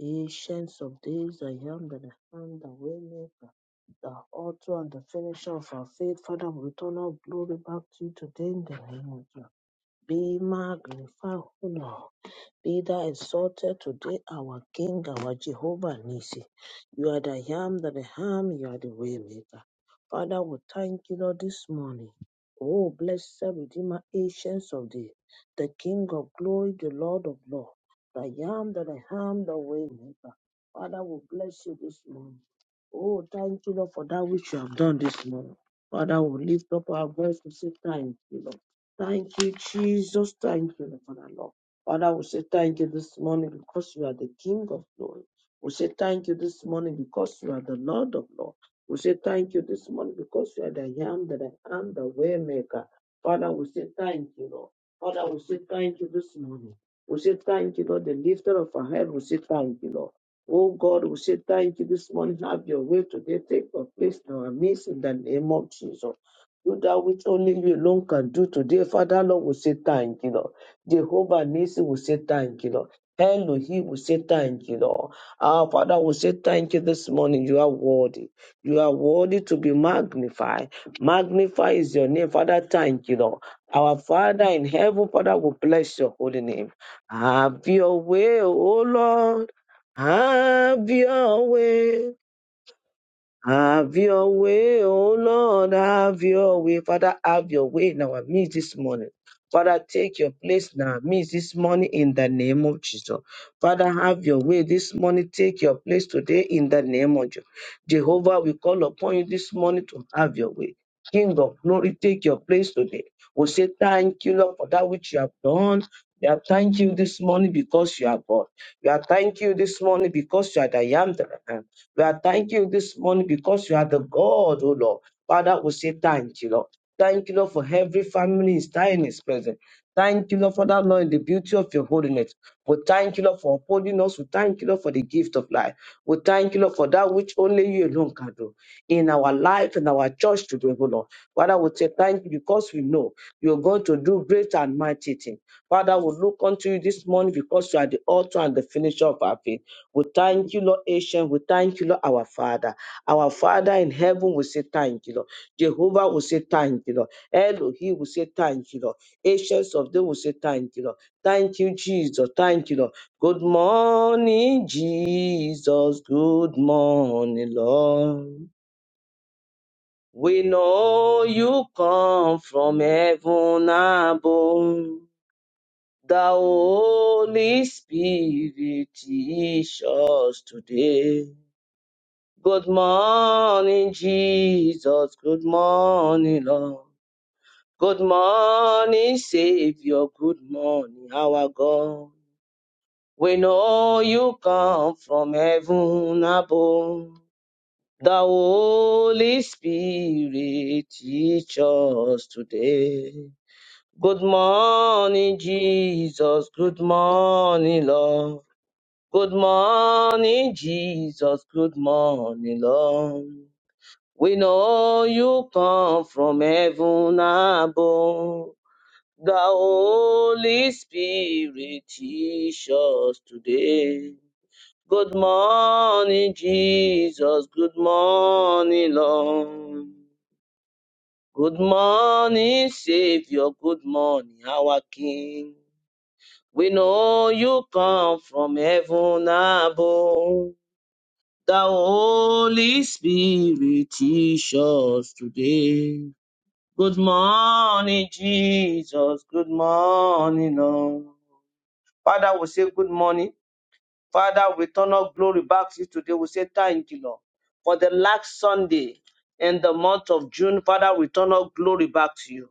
Ancients of days, I am that I am, the waymaker, the author and the finisher of our faith. Father, we return our glory back to you today in the name of Jesus. Be magnified, O Lord. Be thou exalted today, our King, our Jehovah Nisi. You are the Yam that I am, you are the Waymaker. Father, we thank you, Lord, this morning. Oh, blessed Redeemer, Ancients of Thee, the King of Glory, the Lord of Lords, the Yam that I am, the Waymaker. Father, we bless you this morning. Oh, thank you, Lord, for that which you have done this morning. Father, we lift up our voice to say thank you, Lord. Thank you, Jesus. Thank you, Lord, for that, Lord. Father, we say thank you this morning because you are the King of glory. We say thank you this morning because you are the Lord of Lords. We say thank you this morning because you are the I am that I am, the way maker. Father, we say thank you, Lord. Father, we say thank you this morning. We say thank you, Lord, the lifter of our head. We say thank you, Lord. Oh God, we say thank you this morning. Have your way today. Take your place in our midst in the name of Jesus. Do that which only you alone can do today. Father, Lord, we say thank you, Lord. Jehovah Nisi will say thank you, Lord. Elohim will say thank you, Lord. Our Father will say thank you this morning. You are worthy. You are worthy to be magnified. Magnify is your name. Father, thank you, Lord. Our Father in heaven, Father, will bless your holy name. Have your way, O Lord. Have your way. Have your way, oh Lord, have your way. Father, have your way in our midst this morning. Father, take your place in our midst this morning in the name of Jesus. Father, have your way this morning. Take your place today in the name of Jesus. Jehovah, we call upon you this morning to have your way. King of glory, take your place today. We say thank you, Lord, for that which you have done. We are thank you this morning because you are God. We are thank you this morning because you are the I am. We are thanking you this morning because you are the God, oh Lord. Father, we say thank you, Lord. Thank you, Lord, for every family is time is present. Thank you, Lord, for that, Lord, in the beauty of your holiness. We thank you, Lord, for upholding us. We thank you, Lord, for the gift of life. We thank you, Lord, for that which only you alone can do in our life and our church today, oh Lord. Father, we say thank you because we know you're going to do great and mighty things. Father, we look unto you this morning because you are the author and the finisher of our faith. We thank you, Lord Ancient. We thank you, Lord our Father. Our Father in heaven will say thank you, Lord. Jehovah will say thank you, Lord. Elohim will say thank you, Lord. Ancients of them will say thank you, Lord. Thank you, Jesus. Thank you, Lord. Good morning, Jesus. Good morning, Lord. We know you come from heaven above. The Holy Spirit teach us today. Good morning, Jesus. Good morning, Lord. Good morning, Savior. Good morning, our God. We know you come from heaven above. The Holy Spirit teach us today. Good morning, Jesus. Good morning, Lord. Good morning, Jesus. Good morning, Lord. We know you come from heaven above. The Holy Spirit teach us today. Good morning, Jesus. Good morning, Lord. Good morning, Savior. Good morning, our King. We know you come from heaven above. The Holy Spirit teach us today. Good morning, Jesus. Good morning, Lord. Father, we say good morning. Father, we turn our glory back to you today. We say thank you, Lord, for the last Sunday in the month of June. Father, we turn our glory back to you.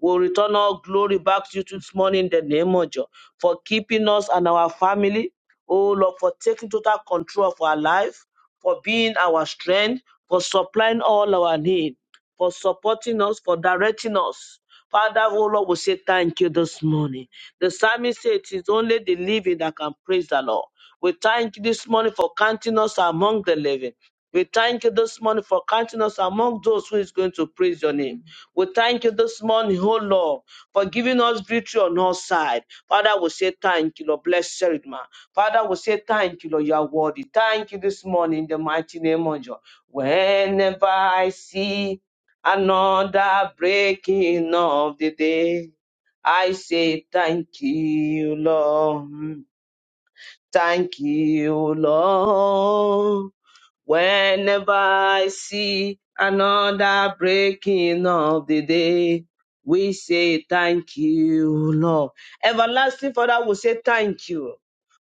We'll return all glory back to you this morning in the name of Jesus for keeping us and our family. Oh Lord, for taking total control of our life, for being our strength, for supplying all our need, for supporting us, for directing us. Father, oh Lord, we say thank you this morning. The psalmist said it is only the living that can praise the Lord. We thank you this morning for counting us among the living. We thank you this morning for counting us among those who is going to praise your name. We thank you this morning, oh Lord, for giving us victory on all sides. Father, we say thank you, Lord. Blessed man. Father, we say thank you, Lord. You are worthy. Thank you this morning in the mighty name of Jesus. Whenever I see another breaking of the day, I say thank you, Lord. Thank you, Lord. Whenever I see another breaking of the day, we say thank you, Lord. Everlasting Father, we say thank you.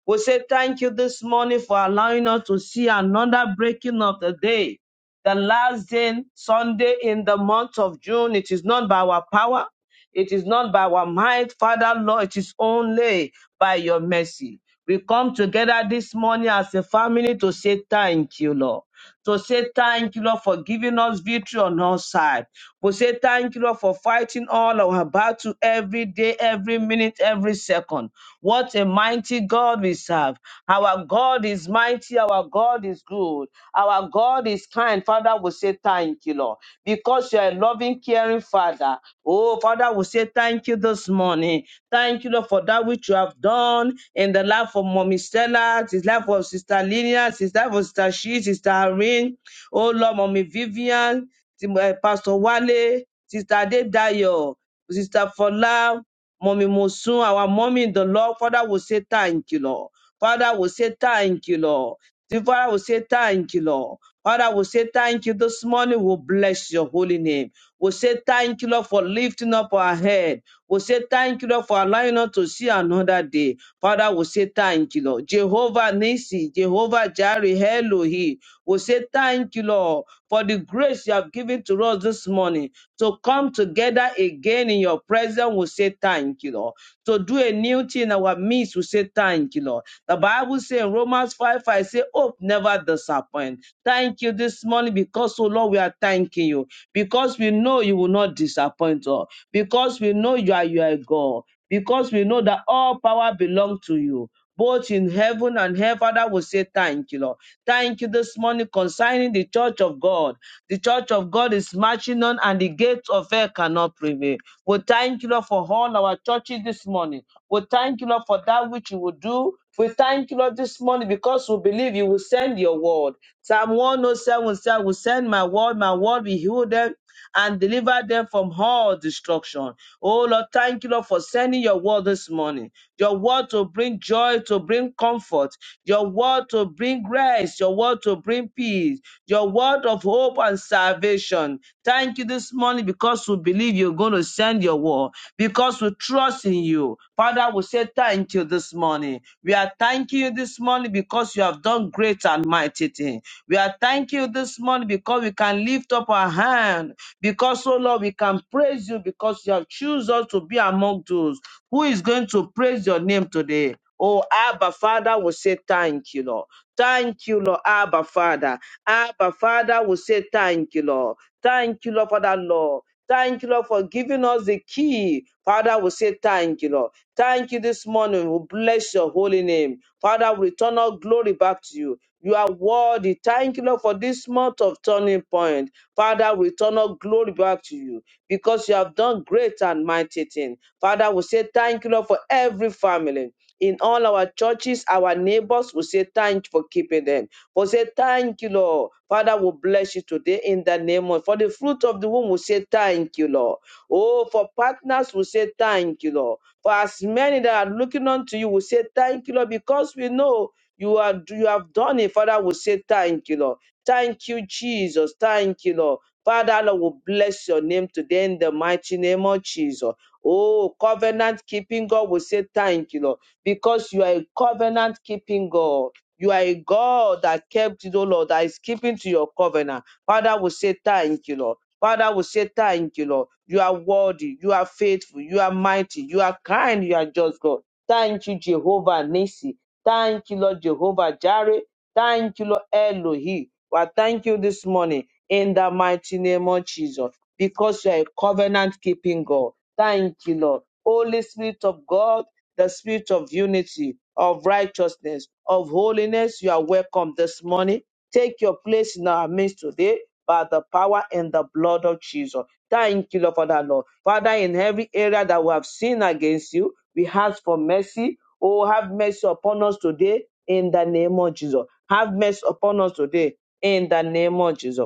We say thank you this morning for allowing us to see another breaking of the day. The last day, Sunday in the month of June, it is not by our power. It is not by our might, Father, Lord. It is only by your mercy. We come together this morning as a family to say thank you, Lord. To say thank you, Lord, for giving us victory on our side. We say thank you, Lord, for fighting all our battle every day, every minute, every second. What a mighty God we serve. Our God is mighty. Our God is good. Our God is kind. Father, we say thank you, Lord, because you are a loving, caring Father. Oh, Father, we say thank you this morning. Thank you, Lord, for that which you have done in the life of Mommy Stella, his life of Sister Lilia, his life of Sister She, Sister Irene, oh Lord, Mommy Vivian, Tim- eh, Pastor Wale, Sister Adedayo, Sister Fola, Mommy Mosun, our mommy in the Lord. Father will say thank you, Lord. Father will say thank you, Lord. The Father will say thank you, Lord. Father will say thank you this morning. We'll bless your holy name. We'll say thank you, Lord, for lifting up our head. We say thank you, Lord, for allowing us to see another day. Father, we say thank you, Lord. Jehovah Nisi, Jehovah Jireh, Elohi. We say thank you, Lord, for the grace you have given to us this morning to come together again in your presence. We say thank you, Lord. To do a new thing in our midst, we say thank you, Lord. The Bible says in Romans 5, I say, hope never disappoint. Thank you this morning because, oh Lord, we are thanking you because we know you will not disappoint us, because we know you are your God, because we know that all power belongs to you. Both in heaven and hell, Father, we say thank you, Lord. Thank you this morning concerning the church of God. The church of God is marching on, and the gates of hell cannot prevail. We thank you, Lord, for all our churches this morning. We thank you, Lord, for that which you will do. We thank you, Lord, this morning because we believe you will send your word. Psalm 107 says, I will send my word, my word will heal them and deliver them from all destruction. Oh, Lord, thank you, Lord, for sending your word this morning. Your word to bring joy, to bring comfort comfort, your word to bring rest, your word to bring peace, your word of hope and salvation. Thank you this morning because we believe you're going to send your word, because we trust in you. Father, we say thank you this morning. We are thanking you this morning because you have done great and mighty things. We are thanking you this morning because we can lift up our hand, because, oh Lord, we can praise you because you have chosen us to be among those who is going to praise your name today. Oh, Abba Father will say thank you, Lord. Thank you, Lord, Abba Father. Abba Father will say thank you, Lord. Thank you, Lord, Father, Lord. Thank you, Lord, for giving us the key. Father, we say thank you, Lord. Thank you this morning. We bless your holy name. Father, we return our glory back to you. You are worthy. Thank you, Lord, for this month of turning point. Father, we return our glory back to you because you have done great and mighty things. Father, we say thank you, Lord, for every family. In all our churches, our neighbors, we say thank you for keeping them. We say thank you, Lord. Father, we bless you today in the name of for the fruit of the womb. We say thank you, Lord. Oh, for partners, we say thank you, Lord. For as many that are looking unto you, we say thank you, Lord, because we know you are you have done it. Father, we say thank you, Lord. Thank you, Jesus. Thank you, Lord. Father, Lord, will bless your name today in the mighty name of Jesus. Oh, covenant keeping God will say thank you, Lord, because you are a covenant keeping God. You are a God that kept it, oh Lord, that is keeping to your covenant. Father, will say thank you, Lord. Father, will say thank you, Lord. You are worthy, you are faithful, you are mighty, you are kind, you are just God. Thank you, Jehovah Nisi. Thank you, Lord Jehovah Jireh. Thank you, Lord Elohim. Well, thank you this morning in the mighty name of Jesus, because you are a covenant keeping God. Thank you, Lord. Holy Spirit of God, the spirit of unity, of righteousness, of holiness, you are welcome this morning. Take your place in our midst today by the power and the blood of Jesus. Thank you, Lord, for that, Lord. Father, in every area that we have sinned against you, we ask for mercy. Oh, have mercy upon us today in the name of Jesus. Have mercy upon us today in the name of Jesus.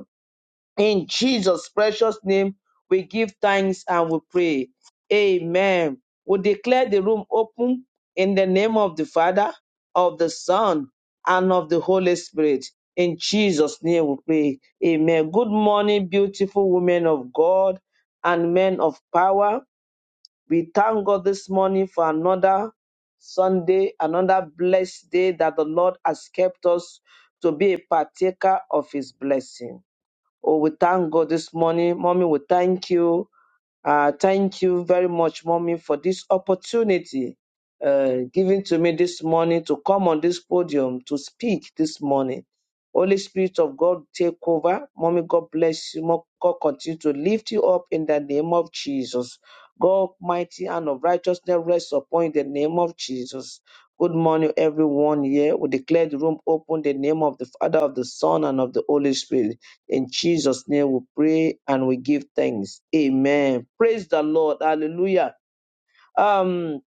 In Jesus' precious name, we give thanks and we pray. Amen. We declare the room open in the name of the Father, of the Son, and of the Holy Spirit. In Jesus' name we pray. Amen. Good morning, beautiful women of God and men of power. We thank God this morning for another Sunday, another blessed day that the Lord has kept us to be a partaker of his blessing. Oh, we thank God this morning. Mommy, we thank you. Uh, thank you very much, Mommy, for this opportunity uh, given to me this morning to come on this podium to speak this morning. Holy Spirit of God, take over. Mommy, God bless you. Mo- God continue to lift you up in the name of Jesus. God, mighty and of righteousness, rest upon you in the name of Jesus. Good morning, everyone here. We declare the room open in the name of the Father, of the Son, and of the Holy Spirit. In Jesus' name we pray and we give thanks. Amen. Praise the Lord. Hallelujah. Um,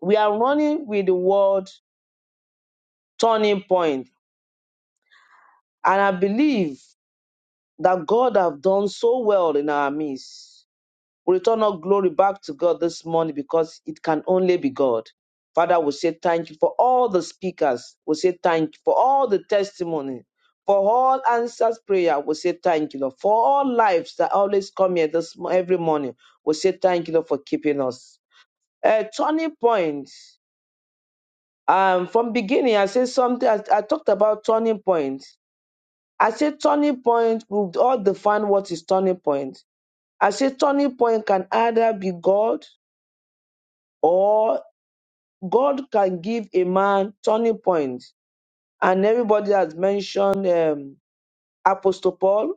we are running with the word turning point, and I believe that God have done so well in our midst. We return all glory back to God this morning because it can only be God. Father, we say thank you for all the speakers. We say thank you for all the testimony, for all answers prayer. We say thank you, Lord. For all lives that always come here this mo- every morning. We say thank you, Lord, for keeping us. A turning point. Um, from beginning, I said something. I, I talked about turning point. I said turning point. We all define what is turning point. I said turning point can either be God or God can give a man turning points. And everybody has mentioned um, Apostle Paul,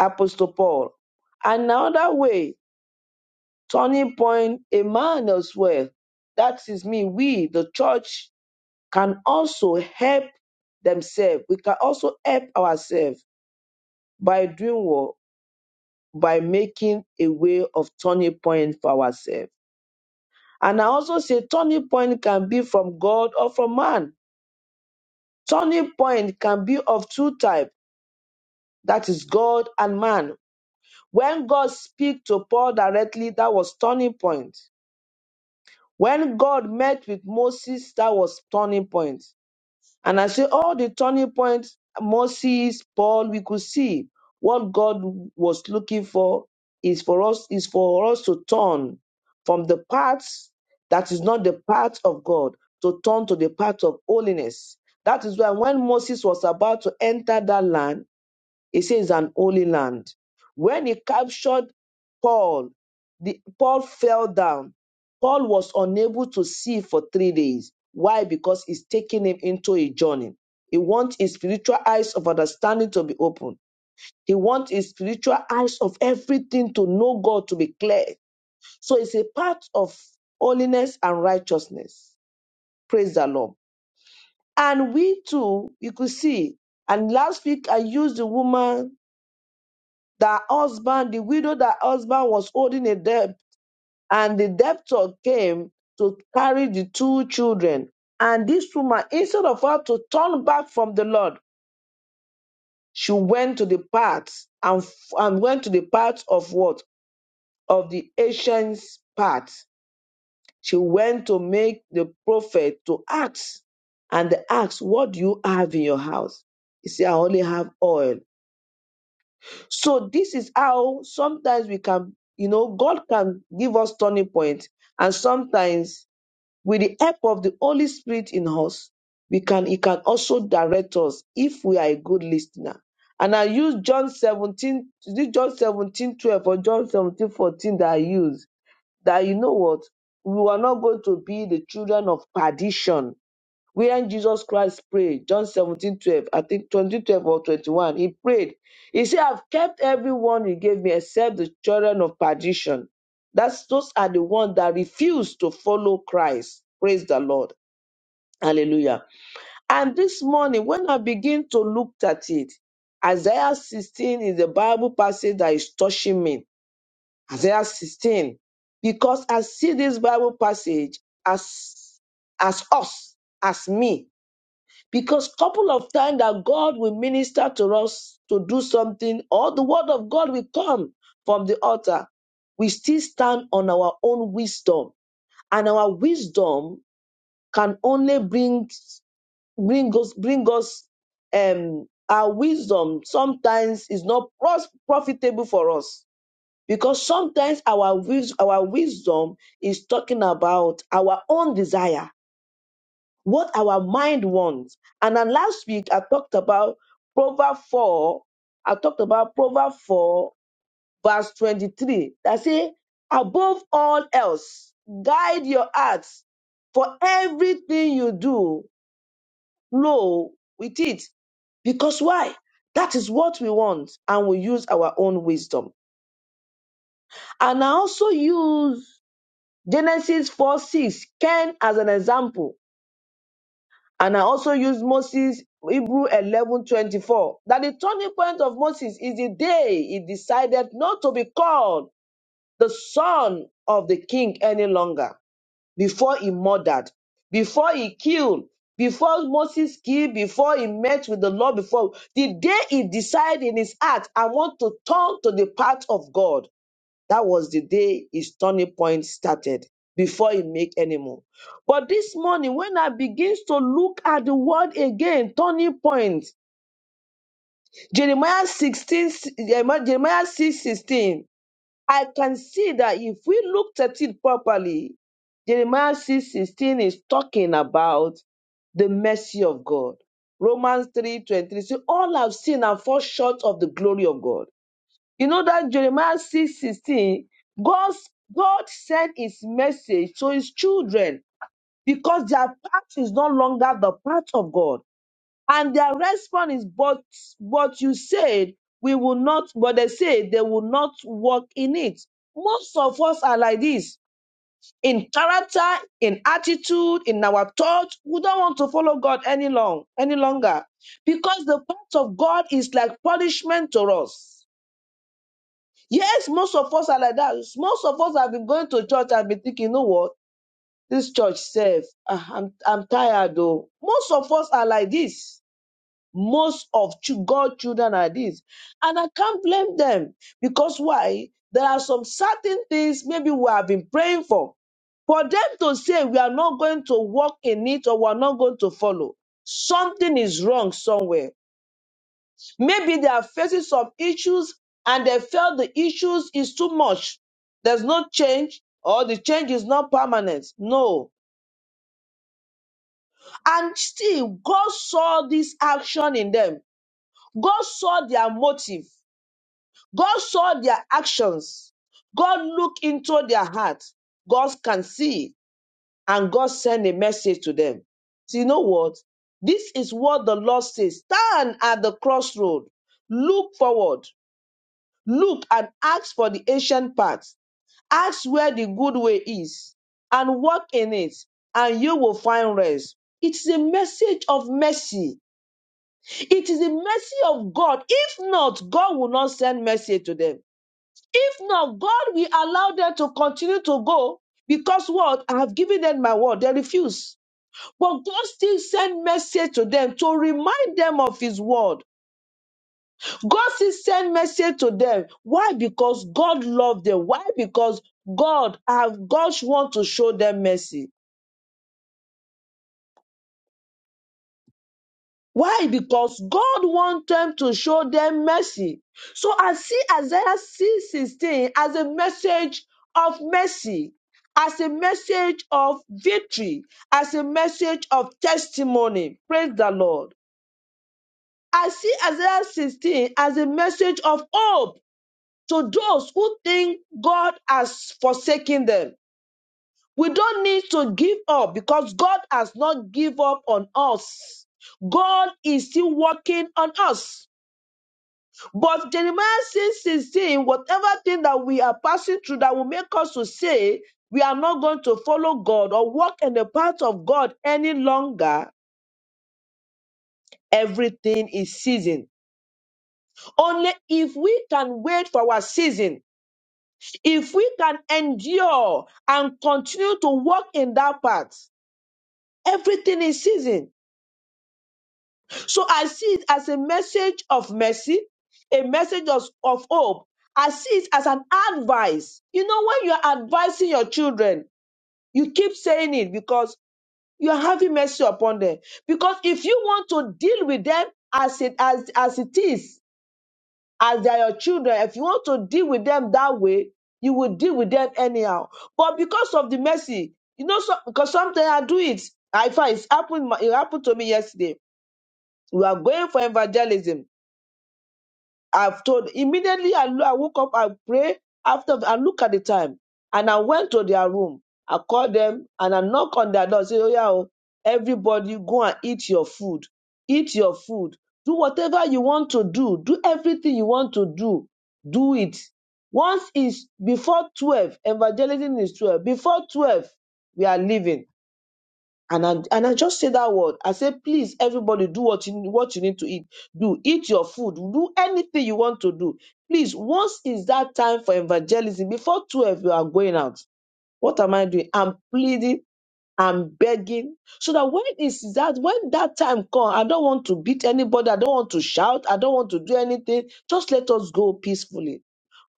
Apostle Paul. Another way, turning point, a man as well. That is me. We, the church, can also help themselves. We can also help ourselves by doing what? By making a way of turning point for ourselves. And I also say turning point can be from God or from man Turning point can be of two types, that is God and man. When God speak to Paul directly, that was turning point. When God met with Moses, that was turning point. And I say all the turning points, Moses, Paul, we could see what God was looking for is for us is for us to turn from the paths that is not the path of God to turn to the path of holiness. That is why when Moses was about to enter that land, It says an holy land. When he captured Paul, the, Paul fell down. Paul was unable to see for three days. Why? Because it's taking him into a journey. He wants his spiritual eyes of understanding to be open. He wants his spiritual eyes of everything to know God to be clear. So it's a part of holiness and righteousness. Praise the Lord. And we too, you could see. And last week I used the woman that husband, the widow that husband was holding a debt, and the debtor came to carry the two children. And this woman, instead of her to turn back from the Lord, she went to the paths and, and went to the paths of what? Of the Asian's path. She went to make the prophet to ask. And they asked, What do you have in your house? He said, I only have oil So this is how sometimes we can, you know, God can give us turning point, and sometimes with the help of the Holy Spirit in us, we can He can also direct us if we are a good listener. And I use John 17, is it John 17 12 or John 17 14 that I use that you know what? We are not going to be the children of perdition wherein Jesus Christ prayed, John 17 12 I think 20 12 or 21, he prayed. He said, I've kept everyone you gave me except the children of perdition. That's those are the ones that refuse to follow Christ. Praise the Lord. Hallelujah. And this morning, when I begin to look at it, Isaiah 16 is the Bible passage that is touching me. Isaiah 16. Because I see this Bible passage as as us, as me, because couple of times that god will minister to us to do something or the word of god will come from the altar we still stand on our own wisdom and our wisdom can only bring bring us bring us um our wisdom sometimes is not pros- profitable for us because sometimes our wis- our wisdom is talking about our own desire what our mind wants. And then last week I talked about Proverbs 4. I talked about Proverbs 4, verse 23. That say, above all else, guide your hearts for everything you do, flow with it. Because why? That is what we want, and we use our own wisdom. And I also use Genesis 4 6, Ken, as an example And I also use Moses, Hebrew 11 24, that the turning point of Moses is the day he decided not to be called the son of the king any longer, before he murdered, before he killed, before Moses killed, before he met with the Lord, before the day he decided in his heart, I want to turn to the path of God. That was the day his turning point started before he make any more. But this morning, when I begins to look at the word again, turning point, Jeremiah 16, Jeremiah Jeremiah 6, sixteen, I can see that if we looked at it properly, Jeremiah 6 16 is talking about the mercy of God. Romans three twenty three. 23, all have sinned and fall short of the glory of God. You know that Jeremiah six sixteen, God's, God sent his message to his children because their path is no longer the path of God. And their response is, but, but you said we will not, but they say they will not walk in it. Most of us are like this in character, in attitude, in our thought. We don't want to follow God any long, any longer because the path of God is like punishment to us. Yes, most of us are like that. Most of us have been going to church and been thinking, you know what? This church safe. Ah, I'm I'm tired though. Most of us are like this. Most of ch- God children are this. And I can't blame them because why? There are some certain things maybe we have been praying for. For them to say we are not going to walk in it or we are not going to follow. Something is wrong somewhere Maybe they are facing some issues and they felt the issues is too much. There's no change or the change is not permanent. No. And still, God saw this action in them. God saw their motive. God saw their actions. God looked into their heart. God can see and God sent a message to them. So you know what? This is what the Lord says. Stand at the crossroad. Look forward. Look and ask for the ancient paths. Ask where the good way is and walk in it, and you will find rest. It is a message of mercy. It is a mercy of God. If not, God will not send mercy to them. If not, God will allow them to continue to go because what? I have given them my word. They refuse. But God still send mercy to them to remind them of his word God still send message to them. Why? Because God loved them. Why? Because God have God want to show them mercy. Why? Because God want them to show them mercy. So I see Isaiah 6:16 as a message of mercy, as a message of victory, as a message of testimony. Praise the Lord. I see Isaiah 16 as a message of hope to those who think God has forsaken them. We don't need to give up because God has not given up on us. God is still working on us. But Jeremiah 6 16, whatever thing that we are passing through that will make us to say we are not going to follow God or walk in the path of God any longer, everything is season. Only if we can wait for our season If we can endure and continue to walk in that path, everything is season. So I see it as a message of mercy, a message of, of hope. I see it as an advice. You know, when you are advising your children, you keep saying it because you are having mercy upon them. Because if you want to deal with them as it as, as it is, as they are your children, if you want to deal with them that way, you will deal with them anyhow. But because of the mercy, you know, so, because sometimes I do it. I find it's happened. It happened to me yesterday. We are going for evangelism I've told immediately I, lo- I woke up, I pray after I look at the time and I went to their room. I called them and I knock on their door, say, Oh yeah, oh, everybody go and eat your food. Eat your food. Do whatever you want to do. Do everything you want to do. Do it. Once it's before 12, evangelism is 12. Before 12, we are leaving and I, and I just say that word. I say, please, everybody, do what you what you need to eat. Do eat your food. Do anything you want to do. Please, once is that time for evangelism. Before twelve, you are going out. What am I doing? I'm pleading. I'm begging so that when is that when that time come, I don't want to beat anybody. I don't want to shout. I don't want to do anything. Just let us go peacefully.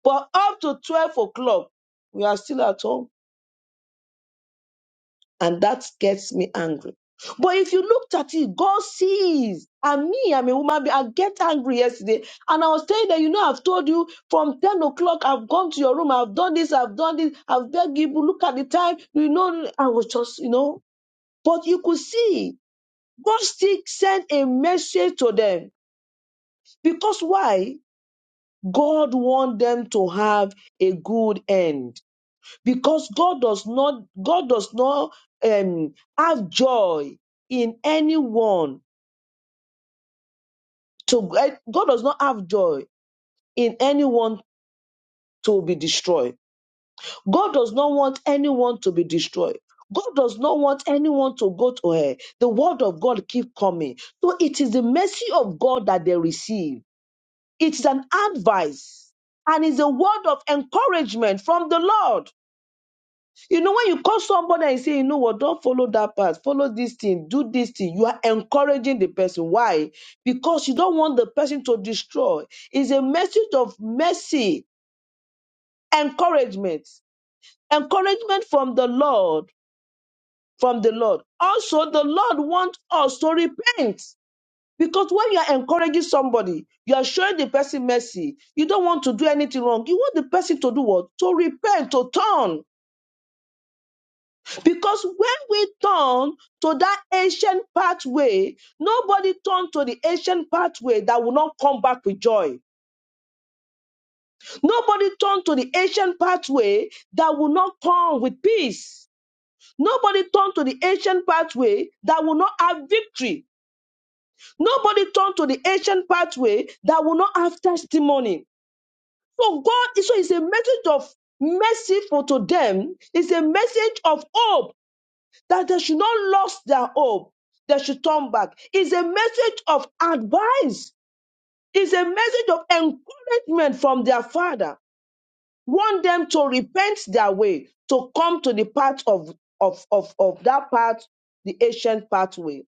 But up to twelve o'clock, we are still at home and that gets me angry. But if you looked at it, God sees. And me, I'm a woman. being, I get angry yesterday. And I was telling them, you know, I've told you from 10 o'clock, I've gone to your room, I've done this, I've done this, I've begged you, look at the time. You know, I was just, you know. But you could see, God still sent a message to them. Because why? God want them to have a good end because God does not God does not um, have joy in anyone to eh, God does not have joy in anyone to be destroyed. God does not want anyone to be destroyed. God does not want anyone to go to hell. The word of God keep coming. So it is the mercy of God that they receive. It's an advice and it's a word of encouragement from the Lord. You know, when you call somebody and say, you know what, don't follow that path, follow this thing, do this thing, you are encouraging the person. Why? Because you don't want the person to destroy. It's a message of mercy, encouragement, encouragement from the Lord, from the Lord. Also, the Lord wants us to repent. Because when you are encouraging somebody, you are showing the person mercy. You don't want to do anything wrong. You want the person to do what? To repent, to turn. Because when we turn to that ancient pathway, nobody turned to the ancient pathway that will not come back with joy. Nobody turned to the ancient pathway that will not come with peace. Nobody turned to the ancient pathway that will not have victory. Nobody turned to the ancient pathway that will not have testimony. So God, so it's a message of mercy for to them. It's a message of hope that they should not lose their hope. They should turn back. It's a message of advice. It's a message of encouragement from their father. Want them to repent their way, to come to the path of, of, of, of that path, the ancient pathway.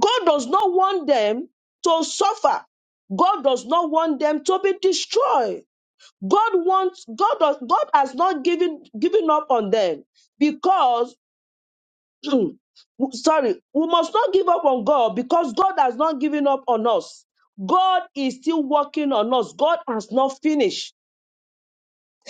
God does not want them to suffer. God does not want them to be destroyed. God wants God does God has not given given up on them because Hmm. W- sorry, we must not give up on God because God has not given up on us. God is still working on us. God has not finished.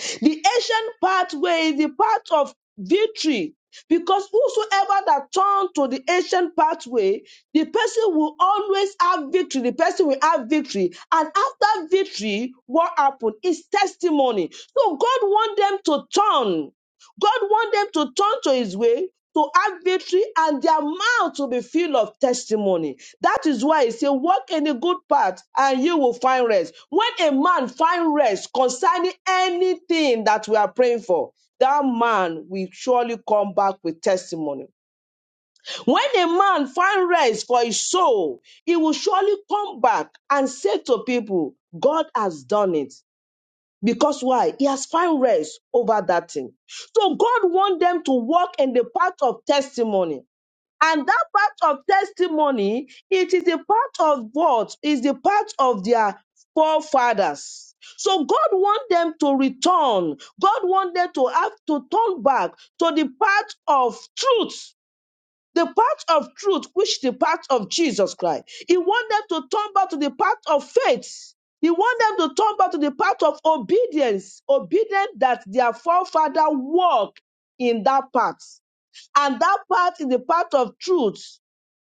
The ancient pathway is the path of victory because whosoever that turn to the ancient pathway, the person will always have victory. The person will have victory. And after victory, what happened is testimony. So God wants them to turn God wants them to turn to his way, to have victory, and their mouth to be filled of testimony. That is why he said, Walk in a good path, and you will find rest. When a man find rest concerning anything that we are praying for, that man will surely come back with testimony. When a man find rest for his soul, he will surely come back and say to people, God has done it. Because why? He has found rest over that thing. So God wants them to walk in the path of testimony. And that part of testimony, it is the part of what is the part of their forefathers. So God wants them to return. God wants them to have to turn back to the path of truth the path of truth, which the path of Jesus Christ. He wants them to turn back to the path of faith. He wants them to turn back to the path of obedience, obedience that their forefather walked in that path. And that path is the path of truth,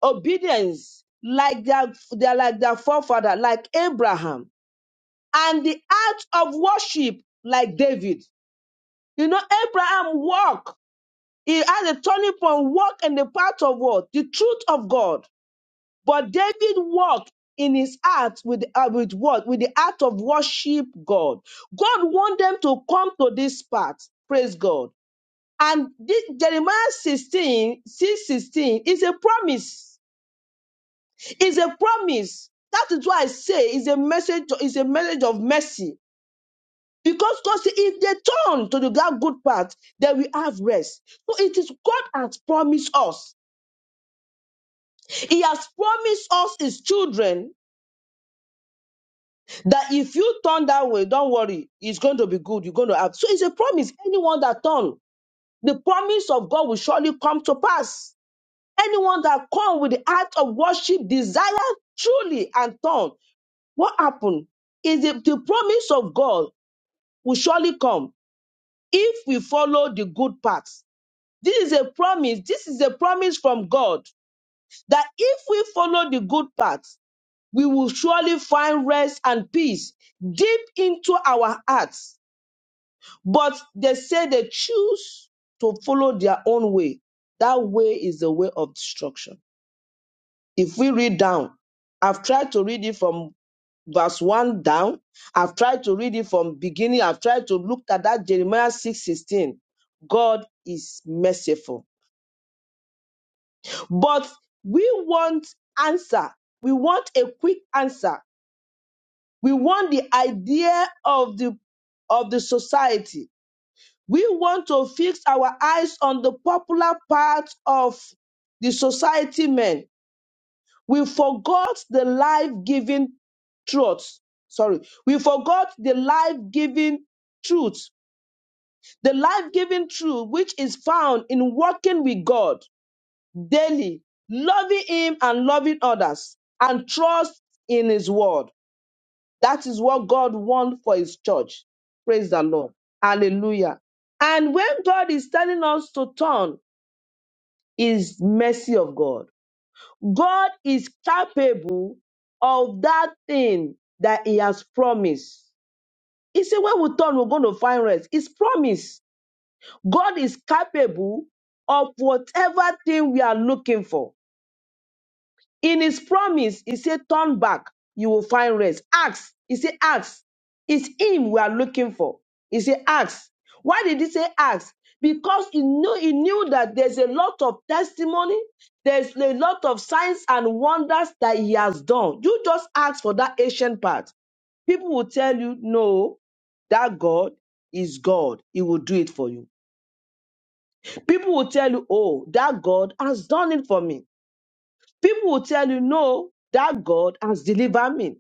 obedience, like their, they're like their forefather, like Abraham, and the act of worship, like David. You know, Abraham walked. He had a turning point, walk in the path of what? The truth of God but David walked in his heart with, uh, with what? With the heart of worship God. God want them to come to this part. Praise God. And this, Jeremiah 16 6 16 is a promise. Is a promise. That is why I say is a message, is a message of mercy. Because God said, if they turn to the God good path, they will have rest. So it is God has promised us. He has promised us his children that if you turn that way, don't worry, it's going to be good. You're going to have. So it's a promise. Anyone that turn, the promise of God will surely come to pass. Anyone that come with the heart of worship, desire truly and turn, what happened is the, the promise of God will surely come if we follow the good path. This is a promise. This is a promise from God that if we follow the good path, we will surely find rest and peace deep into our hearts But they say they choose to follow their own way. That way is the way of destruction. If we read down, I've tried to read it from verse 1 down. I've tried to read it from beginning. I've tried to look at that Jeremiah 6:16. God is merciful. But we want answer. We want a quick answer. We want the idea of the of the society We want to fix our eyes on the popular part of the society men. We forgot the life giving truth. Sorry. We forgot the life giving truth. The life giving truth, which is found in working with God daily, loving Him and loving others, and trust in His word. That is what God wants for His church. Praise the Lord. Hallelujah. And when God is telling us to turn, is mercy of God. God is capable of that thing that He has promised. He said, when we turn, we're going to find rest. It's promise. God is capable of whatever thing we are looking for. In his promise, he said, Turn back, you will find rest. Ask. He said, Ask. It's him we are looking for. He said, Ask. Why did he say ask? Because he knew he knew that there's a lot of testimony, there's a lot of signs and wonders that he has done. You just ask for that ancient part. People will tell you, no, that God is God. He will do it for you. People will tell you, oh, that God has done it for me. People will tell you, no, that God has delivered me.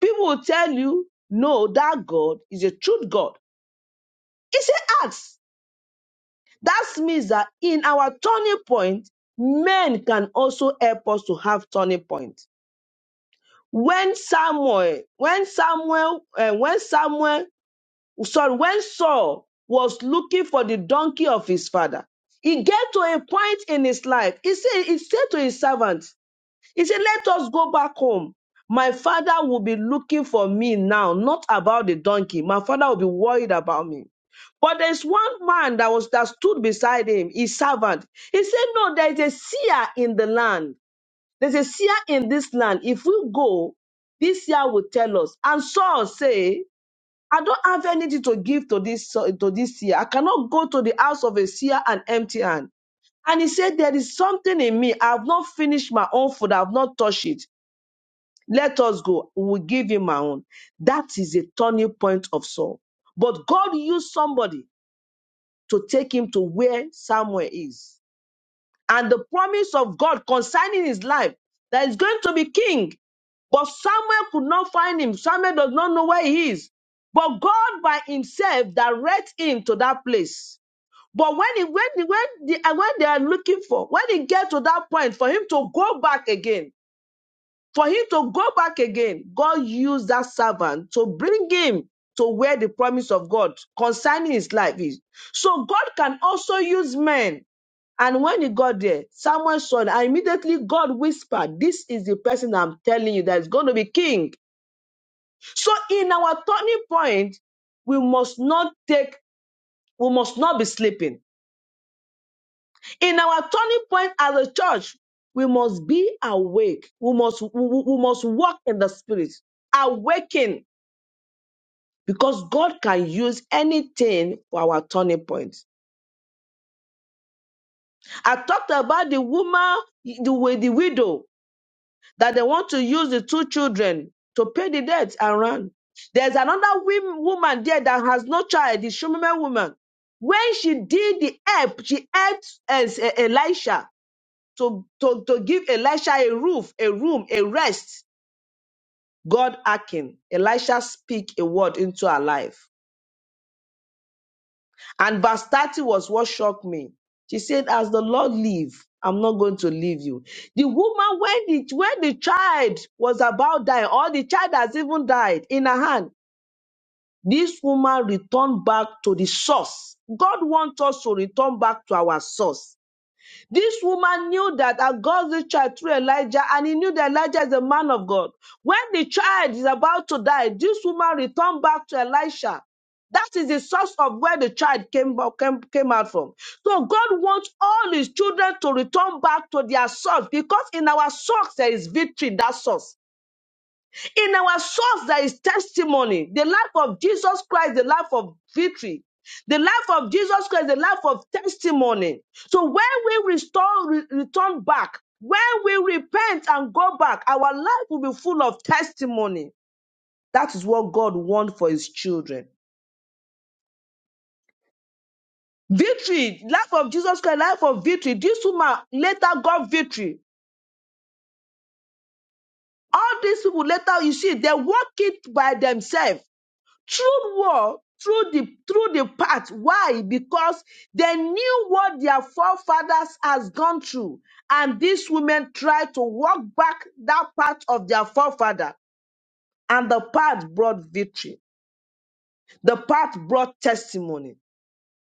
People will tell you, no, that God is a true God. He an axe. That means that in our turning point, men can also help us to have turning point. When Samuel, when Samuel, uh, when Samuel, sorry, when Saul was looking for the donkey of his father, he get to a point in his life. He said, he said to his servant, He said, Let us go back home. My father will be looking for me now, not about the donkey. My father will be worried about me. But there's one man that was that stood beside him, his servant. He said, No, there is a seer in the land. There's a seer in this land. If we go, this seer will tell us. And Saul say, I don't have anything to give to this to this seer. I cannot go to the house of a seer and empty hand. And he said, There is something in me. I have not finished my own food. I have not touched it. Let us go. We will give him our own. That is a turning point of Saul. But God used somebody to take him to where Samuel is. And the promise of God concerning his life that he's going to be king. But Samuel could not find him. Samuel does not know where he is. But God by himself directs him to that place. But when he when he, when, the, when they are looking for, when he get to that point for him to go back again, for him to go back again, God used that servant to bring him to where the promise of God concerning his life is. So God can also use men. And when he got there, Samuel saw that, and immediately God whispered, This is the person I'm telling you that is going to be king. So in our turning point, we must not take, we must not be sleeping In our turning point as a church, we must be awake. We must we, we- we must walk in the spirit, awaken, because God can use anything for our turning point. I talked about the woman, the, wi- the widow, that they want to use the two children to pay the debt and run. There's another wom- woman there that has no child, the Shumime woman. When she did the help, she helped as Elisha to, to, to give Elisha a roof, a room, a rest. God acting. Elisha speak a word into her life. And verse 30 was what shocked me. She said, As the Lord live, I'm not going to leave you. The woman, when the, when the child was about dying, or the child has even died in her hand, this woman returned back to the source. God wants us to return back to our source This woman knew that and God this child through Elijah, and he knew that Elijah is a man of God. When the child is about to die, this woman returned back to Elisha. That is the source of where the child came, came, came out from. So God wants all his children to return back to their source because in our source there is victory, that source. In our source, there is testimony. The life of Jesus Christ, the life of victory. The life of Jesus Christ, the life of testimony. So when we restore, re- return back, when we repent and go back, our life will be full of testimony. That is what God wants for his children. Victory, life of Jesus Christ, life of victory. This woman later got victory. All these people later, you see, they walk it by themselves. through war through the through the path why because they knew what their forefathers has gone through and these women tried to walk back that path of their forefather and the path brought victory the path brought testimony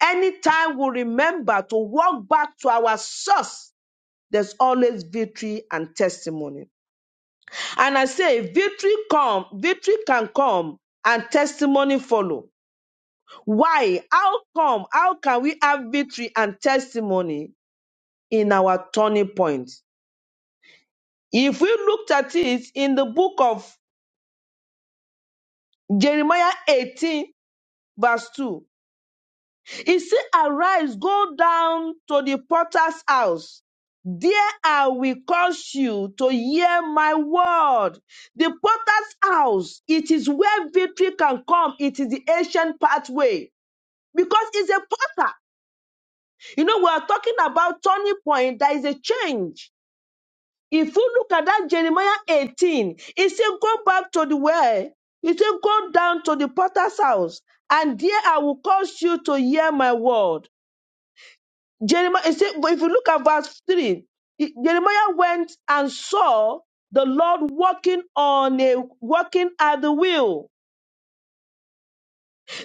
anytime we remember to walk back to our source there's always victory and testimony and i say victory come victory can come and testimony follow Why? How come? How can we have victory and testimony in our turning point? If we looked at it in the book of Jeremiah 18, verse 2, it says, Arise, go down to the potter's house. There I will cause you to hear my word. The potter's house, it is where victory can come. It is the ancient pathway because it's a potter. You know, we are talking about turning point. There is a change. If you look at that Jeremiah 18, it says, Go back to the well. It says, Go down to the potter's house, and there I will cause you to hear my word. Jeremiah, it said, but if you look at verse 3, it- Jeremiah went and saw the Lord walking on a walking at the wheel.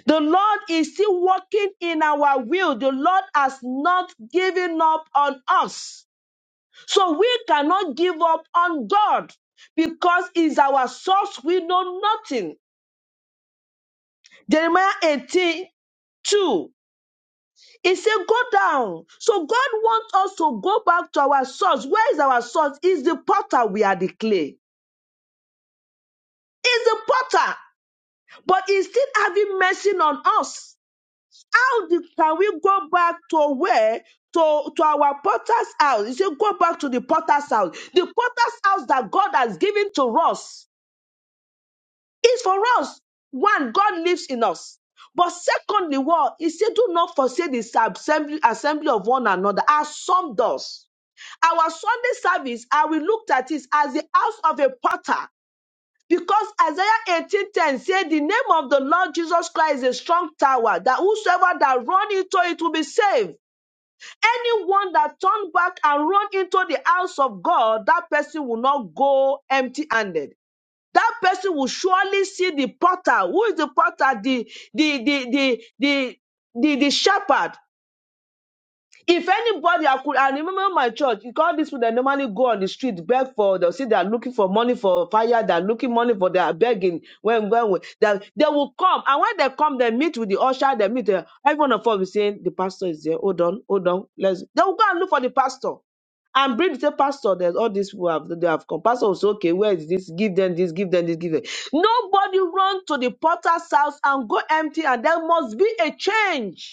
The Lord is still walking in our will. The Lord has not given up on us. So we cannot give up on God because He's our source. We know nothing. Jeremiah eighteen two. 2. He said, Go down. So God wants us to go back to our source. Where is our source? Is the potter we are the clay. Is the potter, but He's still having mercy on us. How the- can we go back to where? To, to our potter's house. He said, Go back to the potter's house. The potter's house that God has given to us. is for us. One, God lives in us. But secondly, what he said, do not forsake this assembly, assembly of one another, as some does. Our Sunday service, I will look at it as the house of a potter. Because Isaiah 18:10 said, The name of the Lord Jesus Christ is a strong tower, that whosoever that run into it will be saved. Anyone that turn back and run into the house of God, that person will not go empty-handed that person will surely see the potter. Who is the potter? The the the the the the, the shepherd. If anybody, I could, I remember my church, you call these people that normally go on the street, beg for, they'll see they're looking for money for fire, they're looking money for, they're begging, when, when, when that they will come. And when they come, they meet with the usher, they meet, the, everyone of us is saying, the pastor is there, hold on, hold on, let's, they will go and look for the pastor. And bring the same pastor, there's all these people have, they have come. Pastor will say, okay, where is this? Give them this, give them this, give them. Nobody run to the potter's house and go empty, and there must be a change.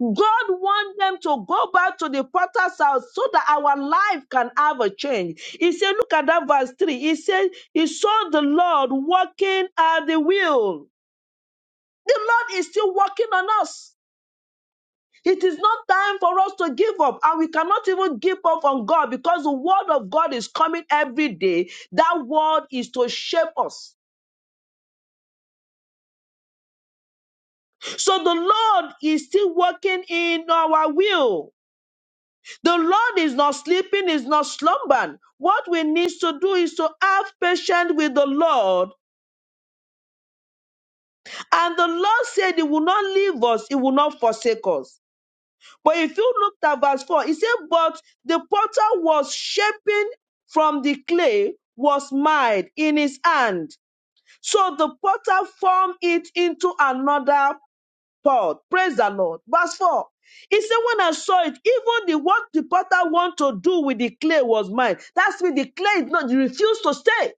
God wants them to go back to the potter's house so that our life can have a change. He said, look at that verse 3. He said, he saw the Lord working at the wheel. The Lord is still working on us. It is not time for us to give up, and we cannot even give up on God because the word of God is coming every day. That word is to shape us. So the Lord is still working in our will. The Lord is not sleeping, is not slumbering. What we need to do is to have patience with the Lord. And the Lord said He will not leave us, He will not forsake us. But if you looked at verse 4, it said, But the potter was shaping from the clay, was mild in his hand. So the potter formed it into another Paul. Praise the Lord. Verse 4. He said, When I saw it, even the what the potter wanted to do with the clay was mine. That's with the clay, no, you refuse to stay.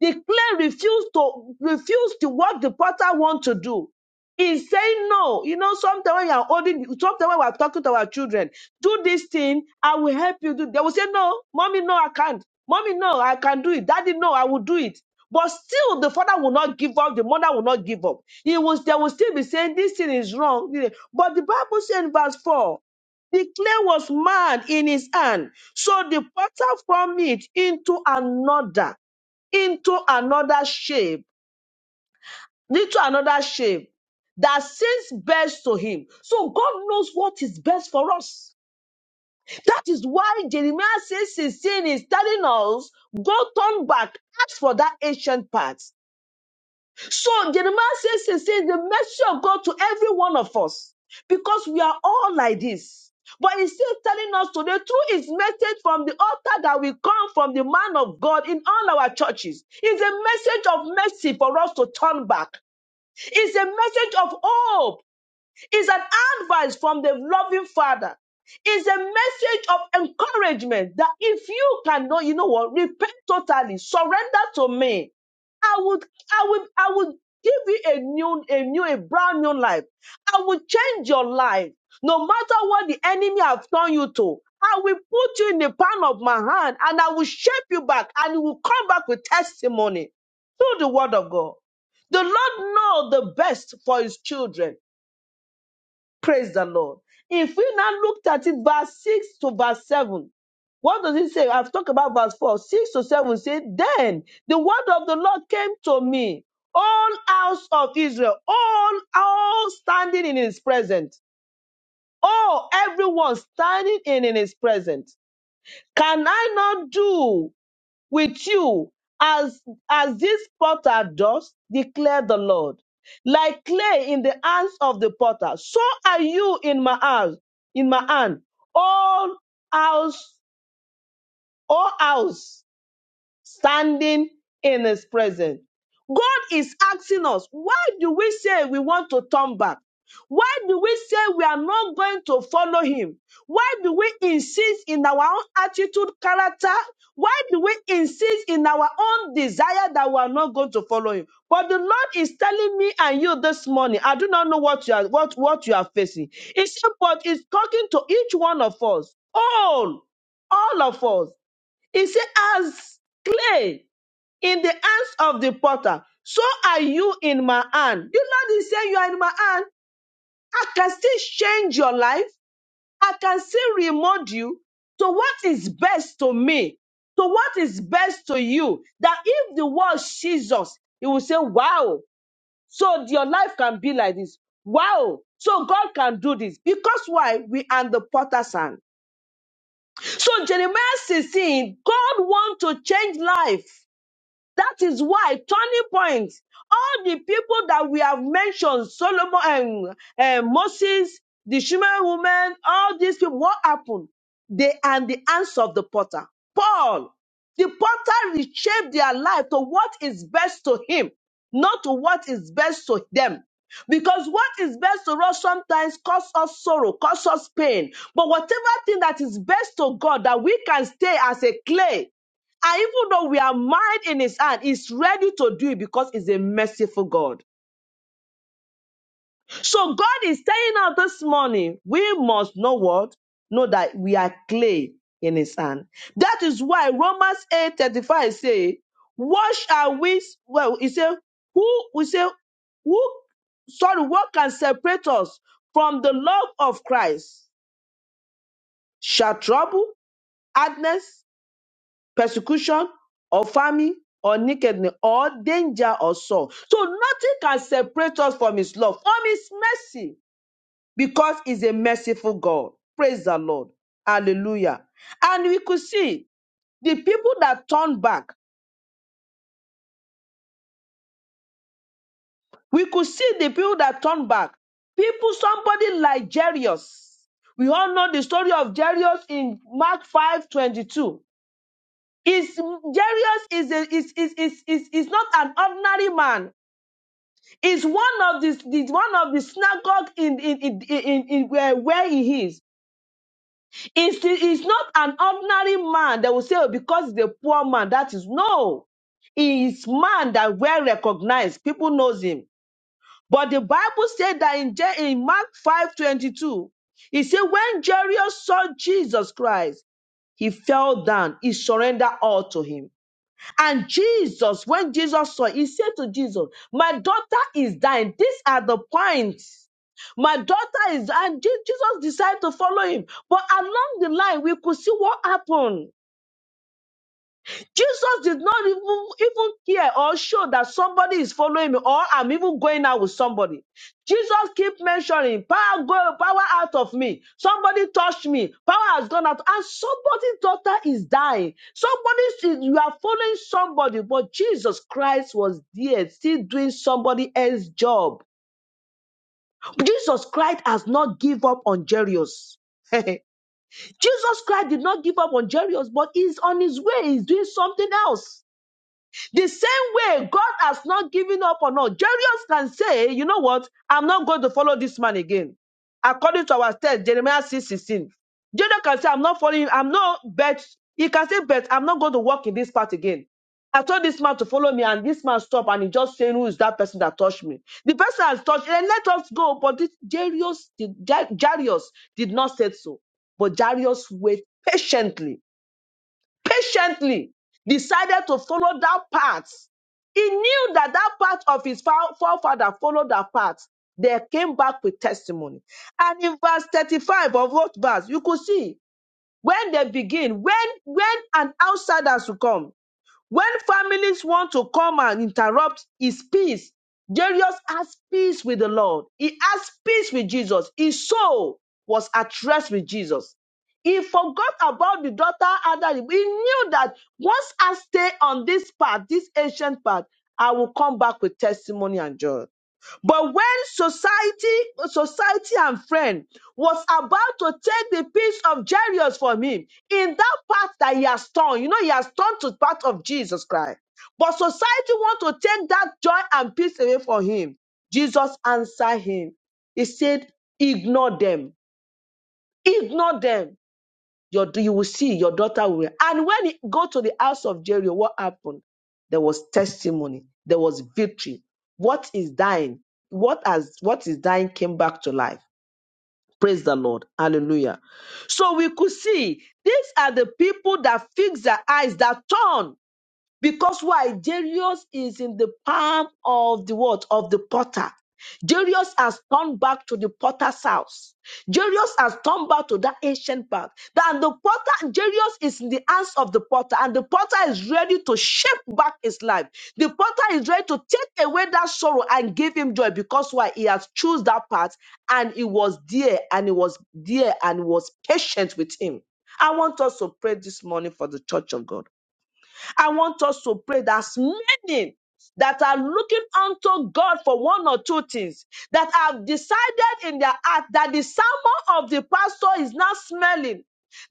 The clay refused to refuse to what the potter want to do. He's saying no. You know, sometimes when you're holding, sometimes when we're talking to our children, do this thing, I will help you do. They will say, No, mommy, no, I can't. Mommy, no, I can do it. Daddy, no, I will do it. But still, the father will not give up. The mother will not give up. He was, they will still be saying, This thing is wrong. But the Bible says in verse 4, the clay was mad in his hand. So the potter formed it into another into another shape, into another shape that seems best to him. So God knows what is best for us. That is why Jeremiah says 16 is telling us, go turn back, ask for that ancient path. So Jeremiah says, says, says the mercy of God to every one of us because we are all like this. But he's still telling us today through his message from the altar that we come from the man of God in all our churches. It's a message of mercy for us to turn back. It's a message of hope is an advice from the loving father is a message of encouragement that if you cannot you know what repent totally surrender to me i would i would i would give you a new a new a brand new life i will change your life no matter what the enemy have done you to i will put you in the palm of my hand and i will shape you back and you will come back with testimony through the word of god the lord knows the best for his children Praise the Lord. If we now looked at it, verse 6 to verse 7, what does it say? I've talked about verse 4. 6 to 7 say, Then the word of the Lord came to me, all house of Israel, all, all standing in his presence. Oh, everyone standing in, in his presence. Can I not do? with you as as this potter does declare the lord like clay in the hands of the potter so are you in my hands in my hand all house all house standing in his presence. God is asking us, why do we say we want to turn back? Why do we say we are not going to follow him? Why do we insist in our own attitude, character? Why do we insist in our own desire that we are not going to follow him? But the Lord is telling me and you this morning, I do not know what you are what, what you are facing. He said, but it's talking to each one of us, all, all of us. He said, As clay in the hands of the potter, so are you in my hand. The Lord is saying, You are in my hand. I can still change your life. I can still remold you to what is best to me, to what is best to you. That if the world sees us, it will say, Wow, so your life can be like this. Wow, so God can do this. Because why? We are in the potter's hand. So Jeremiah 16, God wants to change life. That is why turning point. All the people that we have mentioned, Solomon and and Moses, the Shuman woman, all these people, what happened? They are the hands of the potter. Paul, the potter reshaped their life to what is best to him, not to what is best to them. Because what is best to us sometimes causes us sorrow, causes us pain. But whatever thing that is best to God that we can stay as a clay and even though we are mired in his hand, he's ready to do it because he's a merciful God. So God is telling us this morning, we must know what? Know that we are clay in his hand. That is why Romans eight thirty five say, what shall we, well, he said, who, we say, who, sorry, what can separate us from the love of Christ? Shall trouble, hardness, persecution or famine or nakedness or danger or sorrow. So nothing can separate us from his love, from his mercy, because he's a merciful God. Praise the Lord. Hallelujah. And we could see the people that turned back. We could see the people that turned back. People, somebody like Jairus. We all know the story of Jairus in Mark 5 22. Is Jairus is, a, is, is, is, is, is not an ordinary man is one of the, the one of the synagogue in in in, in, in where, where he is. It's, it's not an ordinary man that will say, oh, because he's a poor man, that is no. He is man that well recognized. People knows him. But the Bible said that in, Je- in Mark five twenty two, 22, he said, when Jairus saw Jesus Christ, he fell down, he surrendered all to him. And Jesus, when Jesus saw, it, he said to Jesus, My daughter is dying. These are the points. My daughter is, and Je- Jesus decided to follow him. But along the line, we could see what happened. Jesus did not even, even care or show that somebody is following me or I'm even going out with somebody. Jesus keep mentioning power go power out of me. Somebody touched me. Power has gone out. And somebody's daughter is dying. Somebody you are following somebody, but Jesus Christ was there still doing somebody else's job. Jesus Christ has not give up on Jairus. Jesus Christ did not give up on Jairus, but he's on his way. He's doing something else. The same way God has not given up on us. Jairus can say, you know what? I'm not going to follow this man again. According to our text, Jeremiah six sixteen. 16. Jairus can say, I'm not following him. I'm not bet. He can say, bet, I'm not going to walk in this path again. I told this man to follow me, and this man stopped, and he just saying, "Who is that person that touched me?" The person has touched. And let us go. But this Jairus, did, Ja-, Jairus did not say so. But Jairus waited patiently patiently decided to follow that path. He knew that that path of his fa- forefather followed that path. They came back with testimony. And in verse 35 of what verse, you could see when they begin, when when an outsider should come, when families want to come and interrupt his peace, Jairus has peace with the Lord. He has peace with Jesus. His soul was at rest with Jesus. He forgot about the daughter Ada. He knew that once I stay on this path, this ancient path, I will come back with testimony and joy. But when society, society and friend was about to take the piece of Jairus from him, in that part that he has torn, you know, he has torn to part of Jesus Christ. But society want to take that joy and peace away from him. Jesus answered him. He said, ignore them. Ignore them. Your, you will see your daughter will. And when he go to the house of Jericho, what happened? There was testimony. There was victory. What is dying? What has what is dying came back to life. Praise the Lord. Hallelujah. So we could see these are the people that fix their eyes, that turn because why? Darius is in the palm of the what? Of the potter. Darius has turned back to the potter's house. Darius has turned back to that ancient path. That the potter, Darius is in the hands of the potter, and the potter is ready to shape back his life. The potter is ready to take away that sorrow and give him joy because why he has choose that path and he was there and he was there and was patient with him. I want us to pray this morning for the church of God. I want us to pray that as many that are looking unto God for one or two things, that have decided in their heart that the sermon of the pastor is not smelling,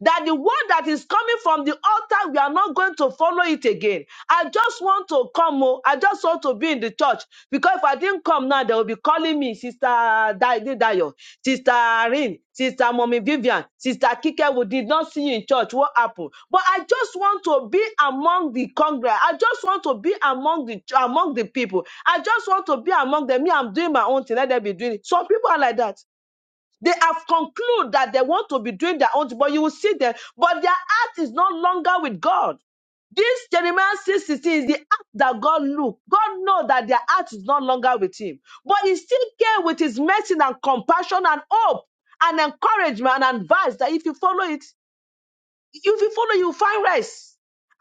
that the word that is coming from the altar, we are not going to follow it again. I just want to come. oh, I just want to be in the church because if I didn't come now, they will be calling me Sister Dayo, Dayo Sister Irene, Sister Mommy Vivian, Sister Kike. We did not see you in church. What happened? But I just want to be among the congress. I just want to be among the among the people. I just want to be among them. Me, I'm doing my own thing. Let them be doing it. Some people are like that. They have concluded that they want to be doing their own, thing, but you will see them, but their heart is no longer with God. This Jeremiah 616 is the act that God looked. God know that their heart is no longer with him. But he still came with his mercy and compassion and hope and encouragement and advice that if you follow it, if you follow, you find rest.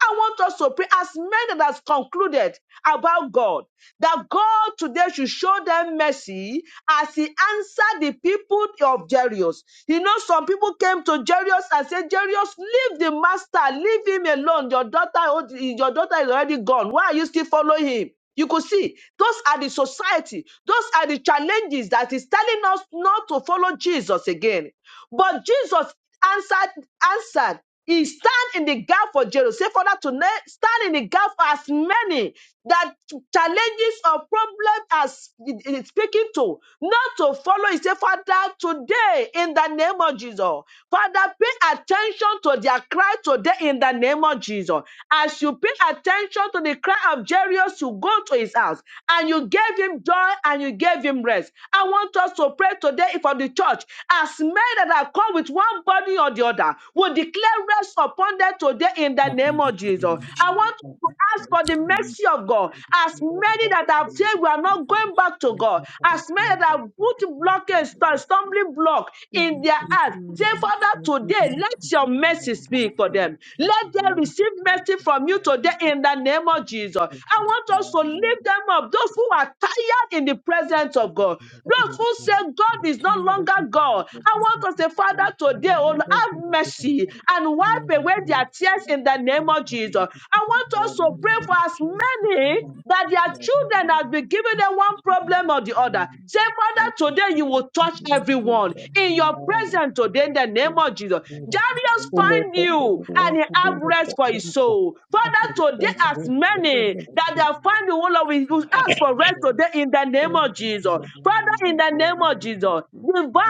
I want us to pray as many that has concluded about God that God today should show them mercy as He answered the people of Jairus. You know, some people came to Jairus and said, "Jairus, leave the master, leave him alone. Your daughter, oh, your daughter is already gone. Why are you still following him?" You could see those are the society, those are the challenges that is telling us not to follow Jesus again. But Jesus answered, answered, He stand in the gap for Jerusalem. Say, Father, tonight, stand in the gap for as many that challenges or problems as it it is speaking to, not to follow. He said, Father, today in the name of Jesus, Father, pay attention to their cry today in the name of Jesus. As you pay attention to the cry of Jairus, you go to his house and you gave him joy and you gave him rest. I want us to pray today for the church as men that have come with one body or the other, will declare rest upon them today in the Father, name in the of name Jesus. of Jesus, Thank I want to ask for the we need mercy of God. As many that have said we are to not thank you, going back to God, Lord, as for your many that have put blockage, stumbling block in loving their heart, say, kindness, for your Father, today goodness, let your mercy and your speak mercy, for them. Let them receive mercy from you today in the name of Jesus. I want us to lift them up. Those who who are tired in the presence of God, for those Yes, who Lord. say God is no all of longer us, God. I Yes. want to say, Father, today, Have oh, Lord, you heard the have mercy and and our news? wipe away their Yes. tears in the name sins, of Jesus. and our I want us to faults, You have pray and the for as our sins, tears. and many our that their children have been given them one problem or the other. Say, Father, today you you. will touch If you do everyone Thank that, in you. your this is presence today in the name big of Jesus. data. Oh. Darius Lord, find help you and everyone to be have rest for effective. his soul. I said, Father, today thank you as for the many present. Of that they the have find the one of you will ask for rest today in the name Lord. of Jesus. Father, in the name faults, of Jesus, divine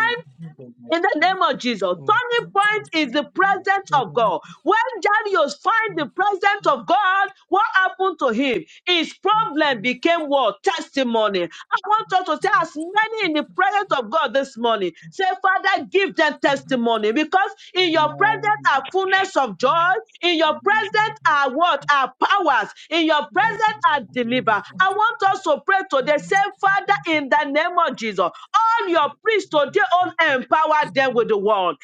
in the name of Jesus, So, turning point is the presence of amen. God. When Darius find the Yes, presence of God, what happened to him? His problem became what? Testimony. I want us to say, as many in the presence of God this morning, say, Father, give them testimony because in your presence are fullness of joy, in your presence are what? Are powers, in your I do. presence are Amen. deliver. I want us to pray today, say, Father, in the name of Jesus, all your priests Amen. Amen. Amen. today, all empower them with the word.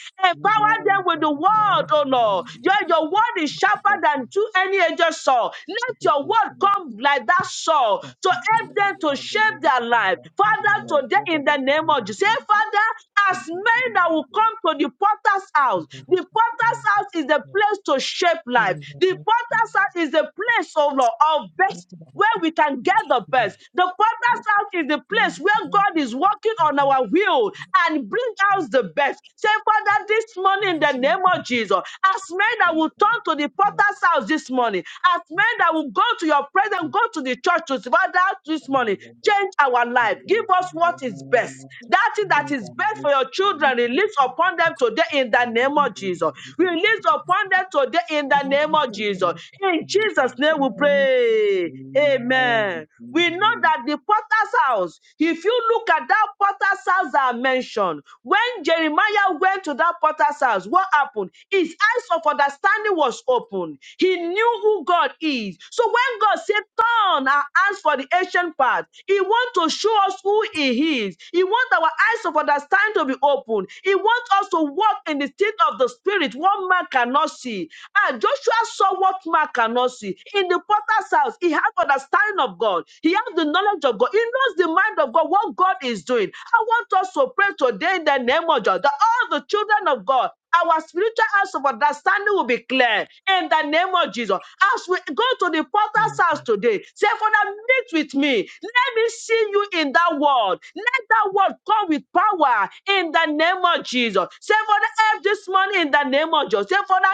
Amen. Empower them with the Amen. word, oh Lord. Your, your word is sharper than two any edged sword. Let your word come like that sword to help them to shape their life. Father, today in the name of Jesus, say, Father, as Thank you, Jesus. men that Thank will come to the potter's house, Amen. Amen. Amen. the potter's house is the Yes. place to shape Oh, life. Lord, The I potter's house is the place, oh Lord, of best thank you. where we can get the Thank best. The Potter's house is the place where God is working on our will and bring out the best. Say, Father, this morning in the name of Jesus, as men that will you. turn to the Potter's house this morning, as men that will go to your presence, go to the church to Father this morning, Hallelujah. change our Thank life. you, Give us what Lord. is Amen. best. That thing that Thank you, Lord. Thank is best you, for your Lord. children, release upon them today in Amen. the Amen. Thank name of Jesus. you, release is upon them today in the name of Jesus. Jesus. In Thank you, Jesus' God, name we pray. Amen. We know that the potter's house, if you look at that potter's house that I mentioned, when Jeremiah went to that potter's house, what happened? His eyes of understanding was open. He knew who God is. So when God said, Turn our eyes for the ancient path, He wants to show us who He is. He wants our eyes of understanding to be opened. He wants us to walk in the state of the spirit, what man cannot see. And Joshua saw what man cannot see. In the potter's house, he had understanding of God. He has the knowledge of God. He knows the mind of God, what God is doing. I want us to pray today in the name of God that all the children of God our spiritual house of understanding will be clear in the name of Jesus. As we go to the potter's house today, Say, Father, meet with me. Let me see you in that word. Let that word come with power in the name of Jesus. Say, Father, help this morning in the name of Jesus. Say, Father,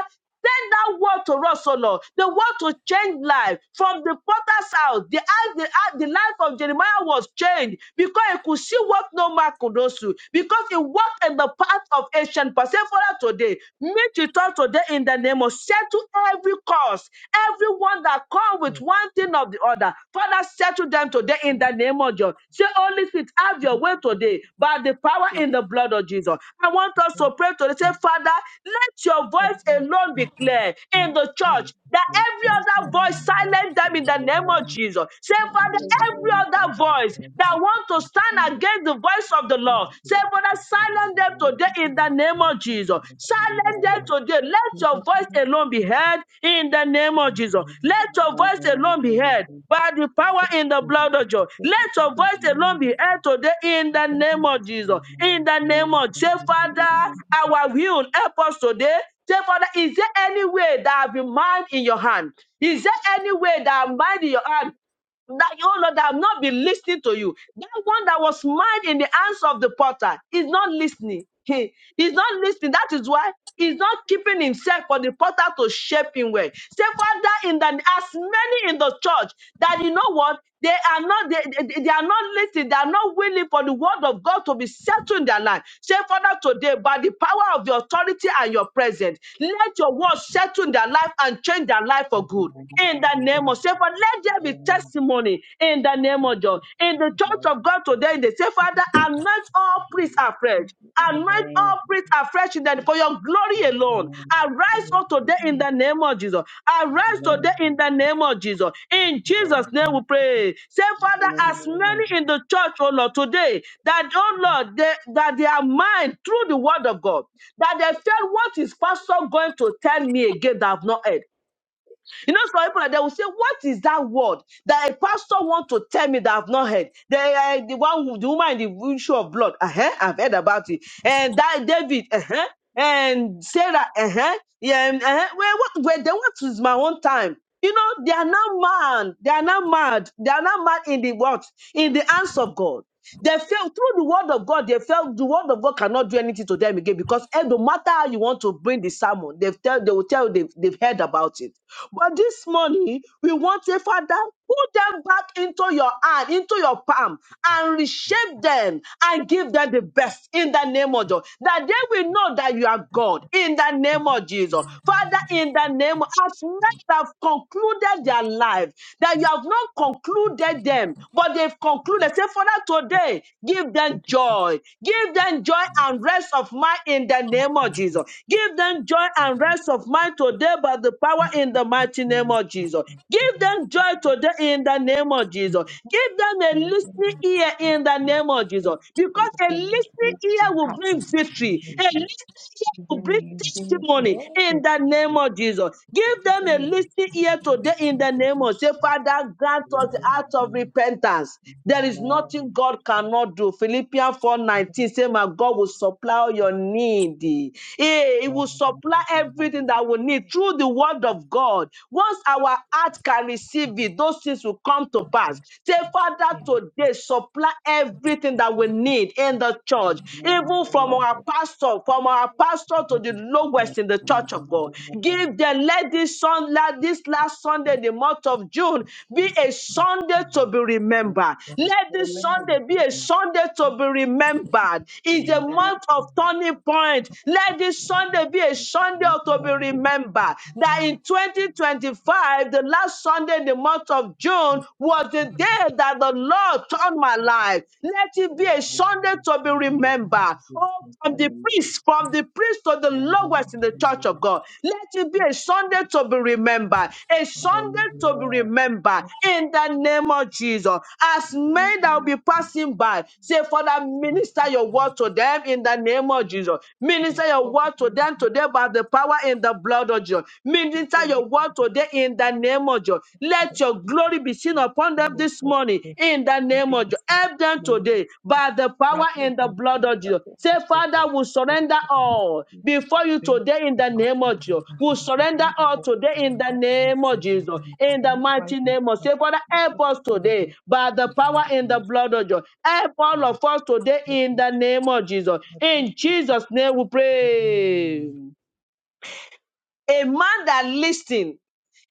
Send that word to us, O Lord. The word to change life from the potter's house. The, house- the, house- the life of Jeremiah was changed because he could see what no man could not see. Because he walked in the path of ancient. past. say, Father, today, meet with us today today in the name of settle every cause, everyone that come with one thing of the other. Father, settle them today in the name of Jesus. Say, Holy Spirit, have your way today by the power in the blood of Jesus. I want us to pray today. Say, Father, let your voice alone be clear and in our the church that every other voice for silence the them in the name Lord. of Jesus. Say, And Father, let every all other of our voice prayers that want to be stand done. against the voice of the Lord. Lord. Thank you, Say, Father, for the silence them Lord. today in the name of Jesus. Silence Hallelujah. them today. Let your voice alone be heard in the name of Jesus. Let your voice alone be Hallelujah. heard by the power in the blood of Thank Jesus. Let your you, voice Lord. alone be heard today in the name of Jesus. In the name Hallelujah. of Jesus, Father, our will help us today. Say, Father, is there any way that I've been mind in your hand? Is there any way that I'm mind in your hand? that you Lord that have not been listening to you. That one that was mad in the hands of the potter is not listening. He- he's not listening. That is why he's not keeping himself for the potter to shape him well. Say, Father, in the as many in the church that you know what they are not they, they, they are not listening, they are not willing for the word of God to be settled in their life. Say, Father, today, by the power of your authority and your presence, let your word settle in their life and change their life for good in the name of say, Father, let there be testimony in the name of God. In the church of God today, they say, Father, anoint all priests afresh. Anoint all priests afresh in the, for your glory alone. Arise all today in the name of Jesus. Arise today in the name of Jesus. In Jesus' name sins, we pray. Say, Father, as Hallelujah. many in the church, oh Lord, today, that, oh Lord, they, that they are mine through the word of God, that they felt what is Pastor going to tell me again that I've not heard you know, some people like they will say, "What is that word that a pastor want to tell me that I've not heard?" The uh, the one who- the woman in the issue of blood, uh-huh, I've heard about it, and that David, uh-huh, and Sarah, uh-huh, yeah, and, uh-huh. Well, what? Well, then what is my own time? You know, they are not mad. They are not mad. They are not mad in the what? In the hands of God. They fell through the word of God. They felt the word of God cannot do anything to them again because eh, no matter how you want to bring the sermon, they tell they will tell you they've, they've heard about it. But this morning, we want a father put them back into your hand, into your palm, and reshape them and give them the best in the name of Jesus. That they will know that you are God in the name of Jesus. Father, in the name of as men have concluded their life, that you have not concluded them, but they've concluded. Say, Father, today, give them that you keep joy. Give them joy and rest of mind in the us name of alive, Jesus. Give them joy and rest of mind today by the power and that you in the mighty name carry us of Jesus. Give them joy today in the name of Jesus. Give them a listening ear you. in the name of Lord, Jesus. we Because a lift listening up your ear will heart. Father, bring in the name of the name of victory. Lord, A listening Jesus, ear Give will them a bring that listening testimony ear. in in the the Lord. name of Jesus. Give Give them them a a listening listening ear ear. today in in the the Lord. name of say, Father, grant us the heart of you repentance. There is Give them a listening nothing God ear. cannot do. Philippians 4 19. in say, My God will supply all your need. He, the he will Lord. supply everything that we need through the word of God. Once our heart can receive it, those things will come to pass. Say, Father, Thank today supply everything that we need in the the church, even you, from Father. our We pastor, from our pastor to the fight lowest in the for church us, of God. Give them, let this son, let this last Sunday, the month of June, be a thank you for Sunday to be remembered. Let this Sunday be a Sunday to be remembered. It's a month of turning point. Let this Sunday be a Sunday the to be Lord. remembered. That in 2025, the last Sunday in the month of June was the day that the Lord turned my life. Let it be We a thank Sunday to be remembered. Oh, from you the priest, from the priest to the lowest in the church of God. Let it be a Sunday to be remembered, a Sunday to be remembered in the for the name of Jesus. As men that will Lord. be passing by, say, Father, minister your word to them in the name of Jesus. The Minister your problem word to is them not today by the that power in the blood of Jesus. the Minister body your can word be today in fixed, in the name of Jesus. but Let your glory be seen the upon them body is this morning not. in the We name did of this Jesus. Help them movement today by the that power we in the can blood not of Jesus. something Say, that we Father, want. we surrender all We before you think today in the and you about name of Jesus. We are surrender something that we all want, today in the that we always name in of see. Jesus. our midst, We In the want to buy mighty that things name of that say, Father, we want, help that us we today want. by the you will power in be with the us. blood of Jesus. Help all And of the us today in people the choose name of Jesus. that we have In to do Jesus' name we that pray. Amen. A man that listened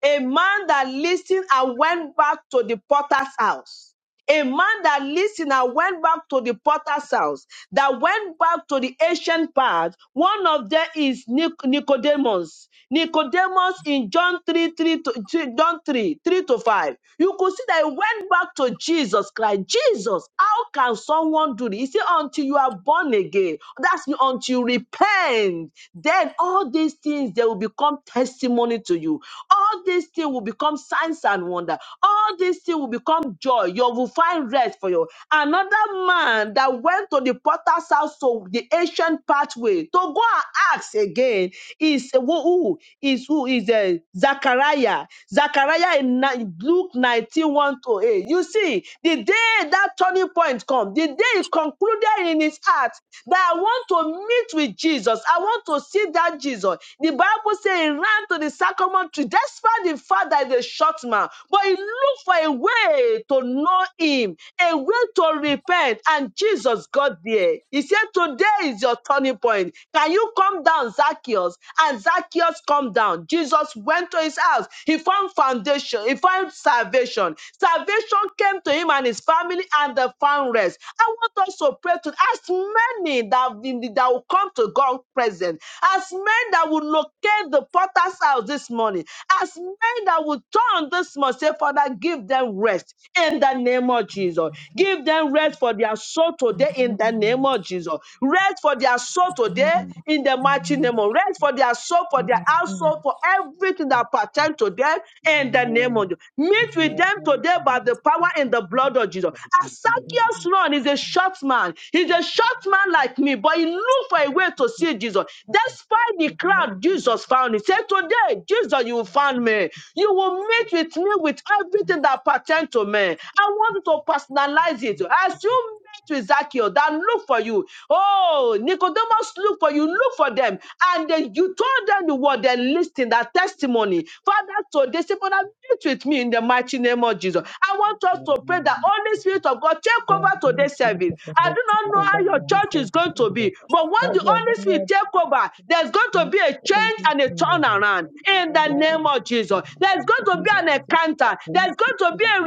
a man that listened and went back to the potter's house. A man that listened, listener went back to the potter's house, that went back to the ancient path. One of them is Nic- Nicodemus. Nicodemus in John 3, 3 to three- John 3, 3 to 5. You could see that he went back to Jesus Christ. Jesus, how can someone do this? He said, until you are born again. That's until you repent. Then all these things they will become testimony to you. All these things will become signs and wonder. All these things will become become joy. You will find rest for you. Another man that went to the potter's house, so the ancient pathway, to go and ask again, is who, who is who is uh, Zachariah. Zachariah in ni- Luke nineteen one to 8. You see, the day that turning point come, the day he concluded in his heart that I want to meet with Jesus, I want to see that Jesus. The Bible says he ran to the sacrament tree despite the fact that he's a short man, but he looked look for a way to know him, a way to repent. And Jesus got there. He said, Today is your turning point. Can you come down, Zacchaeus? And Zacchaeus come down. Jesus went to his house. He found foundation. He found salvation. Salvation came to him and his family and they found rest. I want us to pray to as many that, that will come to God present, as many that will locate the potter's house this morning, as men that will turn this this month. Say, Father, give them rest in the name of Jesus. Give them rest for their soul today in the name of Jesus. Rest for their soul today Amen. in the mighty name Amen. of rest for their soul, for their Amen. household, for everything that Thank you, Jesus. pertains to them in Amen. the name of Jesus. Meet with Amen. them today by the power in the blood of Jesus. Thank you, Jesus. we Amen. Asakia's think run is a short man. He's we a can short man like me, but he looked for a way to see Jesus. do that. Despite the I do not even crowd, know what Jesus to found him. Say, do. Today, Jesus, you I found me. You will just meet feel with me with everything that I pertains to me. I want you to can't personalize be it. good to As do you met with Zacchaeus, that look for you. Oh, Nicodemus look for you, look for them. And then you told them the word, they listened, that testimony. Father, today, say, Father, meet with me in the mighty name of Jesus. I want it. us to pray Amen. that Amen. Holy Spirit of God take over Then the Holy today's Spirit service. of the I Lord do took not know Jesus, over how your to this church is service going in to be, there. but when That the we are Holy not Spirit take over, there's going to Yes, be a Holy change Spirit, and a take over. turnaround in the name name of Take Jesus. There's going to Holy be Spirit, an take over. encounter. Holy There's going Spirit, to take be a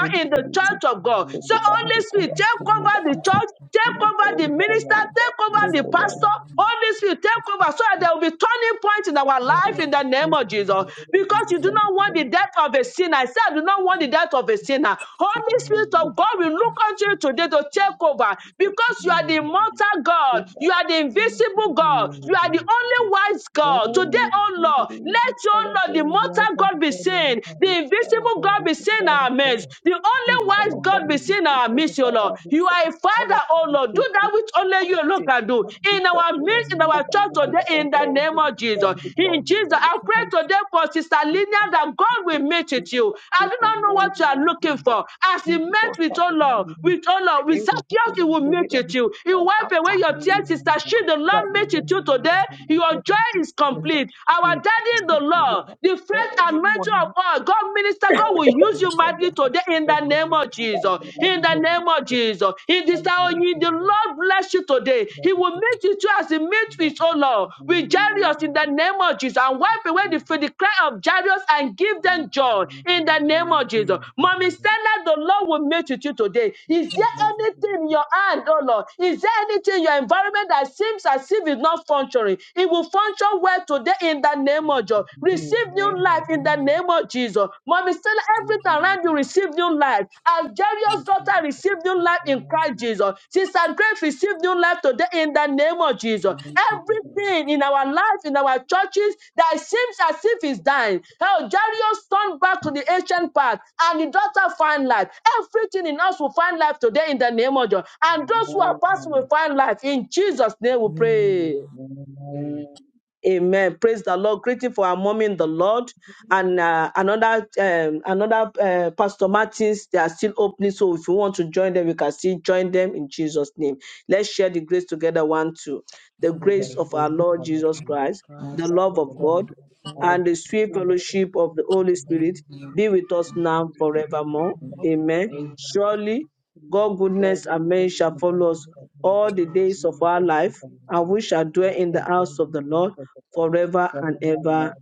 over. Holy in the Spirit, take amen. church of God. Amen. So over. Amen. Thank Holy Take over. Take over. Spirit, take Take Amen. over. over the church. Take Holy Take over the over Spirit, our take minister, lives. over. take over Take the Amen. over. pastor, Amen. Holy Spirit, take over so that there will be turning points in our Take life over. in the name of Thank you, Jesus. Because you do Let the not Jesus. want the church death of a sinner. I said, I do not want the death of a sinner. take Holy Amen. over. Spirit Amen. of Take God we over. look unto you today to take over We because you are continue. the Thank you, Jesus. Amen. Amen. immortal God, Over. you are the invisible God, Amen. Holy you Amen. are the Spirit. only wise God. Today, Amen. Holy oh Spirit, Lord, Lord. we Let call upon your Lord, the you, the mortal action of God be God and the seen, the power of invisible God, God the be seen in kingdom of our God. midst, the We only wise call God upon be you this seen in day our for the midst, O Lord. Father and the You Son. are a We call father, upon O you Lord. Do to take over, that which only you alone take can do over, we in talk our to Lord, midst, in take our over, church take over today, in over the every name of Jesus. program, we talk In to Jesus, you, I we come pray to today you. for Sister Take Linia over, that God take will over, meet take with over, you. I take do over, not know take what you over, are looking take over. for. As He Be with met us with, O Lord, personally. with, O Lord, Hey, with who can Zacchaeus, He I will be? meet Let us with be you. He my will wipe away contact your today. tears, Sister. She, the That Lord you meet will with you put your today. Amen. Amen. spirit Your here joy and take is complete your complete. touch Our today. daddy in the Speak to Lord, the fresh the everyone anointing of in all, God minister, God will use the you mightily family as today in God. the name of That Jesus. will never In be the name of miracle. Jesus. In I this hour, pray you- the Lord bless you today. that He will meet you too as he meets with, oh Lord, with Jairus in the name of Jesus and wipe away the, the cry of Jairus and give them joy in the name of Jesus. the Mommy, Stella, the Lord will meet with you today. Is there anything in your hand, oh Lord? Is there anything in your environment that seems as if it's not functioning? It will it will function well today in the name of Jesus. Receive new life in the name of Jesus. Mommy, still everything around you receive new life. As Jairus' daughter received new life in Christ Jesus. Sister Grace received new life today in the name of Jesus. Everything in our life, in our churches, that seems as if it's dying. How Jairus turned back to the ancient path and the daughter find life. Everything in us will find life today in the name of Jesus. And those who are passing will find life. In Jesus' name we pray. Amen. Praise the Lord. Greeting for our mommy in the Lord and uh, another um, another uh, Pastor Martins. They are still opening, so if you want to join them, you can still join them in Jesus' name. Let's share the grace together. One, two. The grace of our Lord Jesus Christ, the love of God, and the sweet fellowship of the Holy Spirit be with us now forevermore. Amen. Amen. Surely, Amen. God goodness Amen. and mercy shall follow us all the days of our life, and we shall dwell in the house of the Lord forever and ever.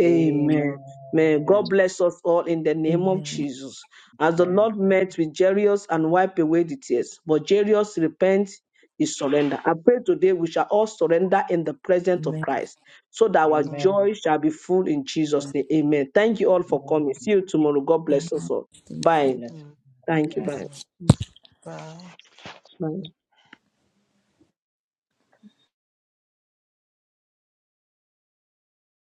Amen. May God bless us all in the name of Jesus. As the Lord met with Jairus and wiped away the tears, but Jairus repent is surrender. I pray today we shall all surrender in the presence of Amen. Amen. Amen. Christ so that our Amen. joy shall be full in Jesus' name. Amen. Thank you all for coming. See you tomorrow. God Bye. bless us all. Thank you. Bye. Bless. Thank you, my Thank you. friend. Bye. you. Bye.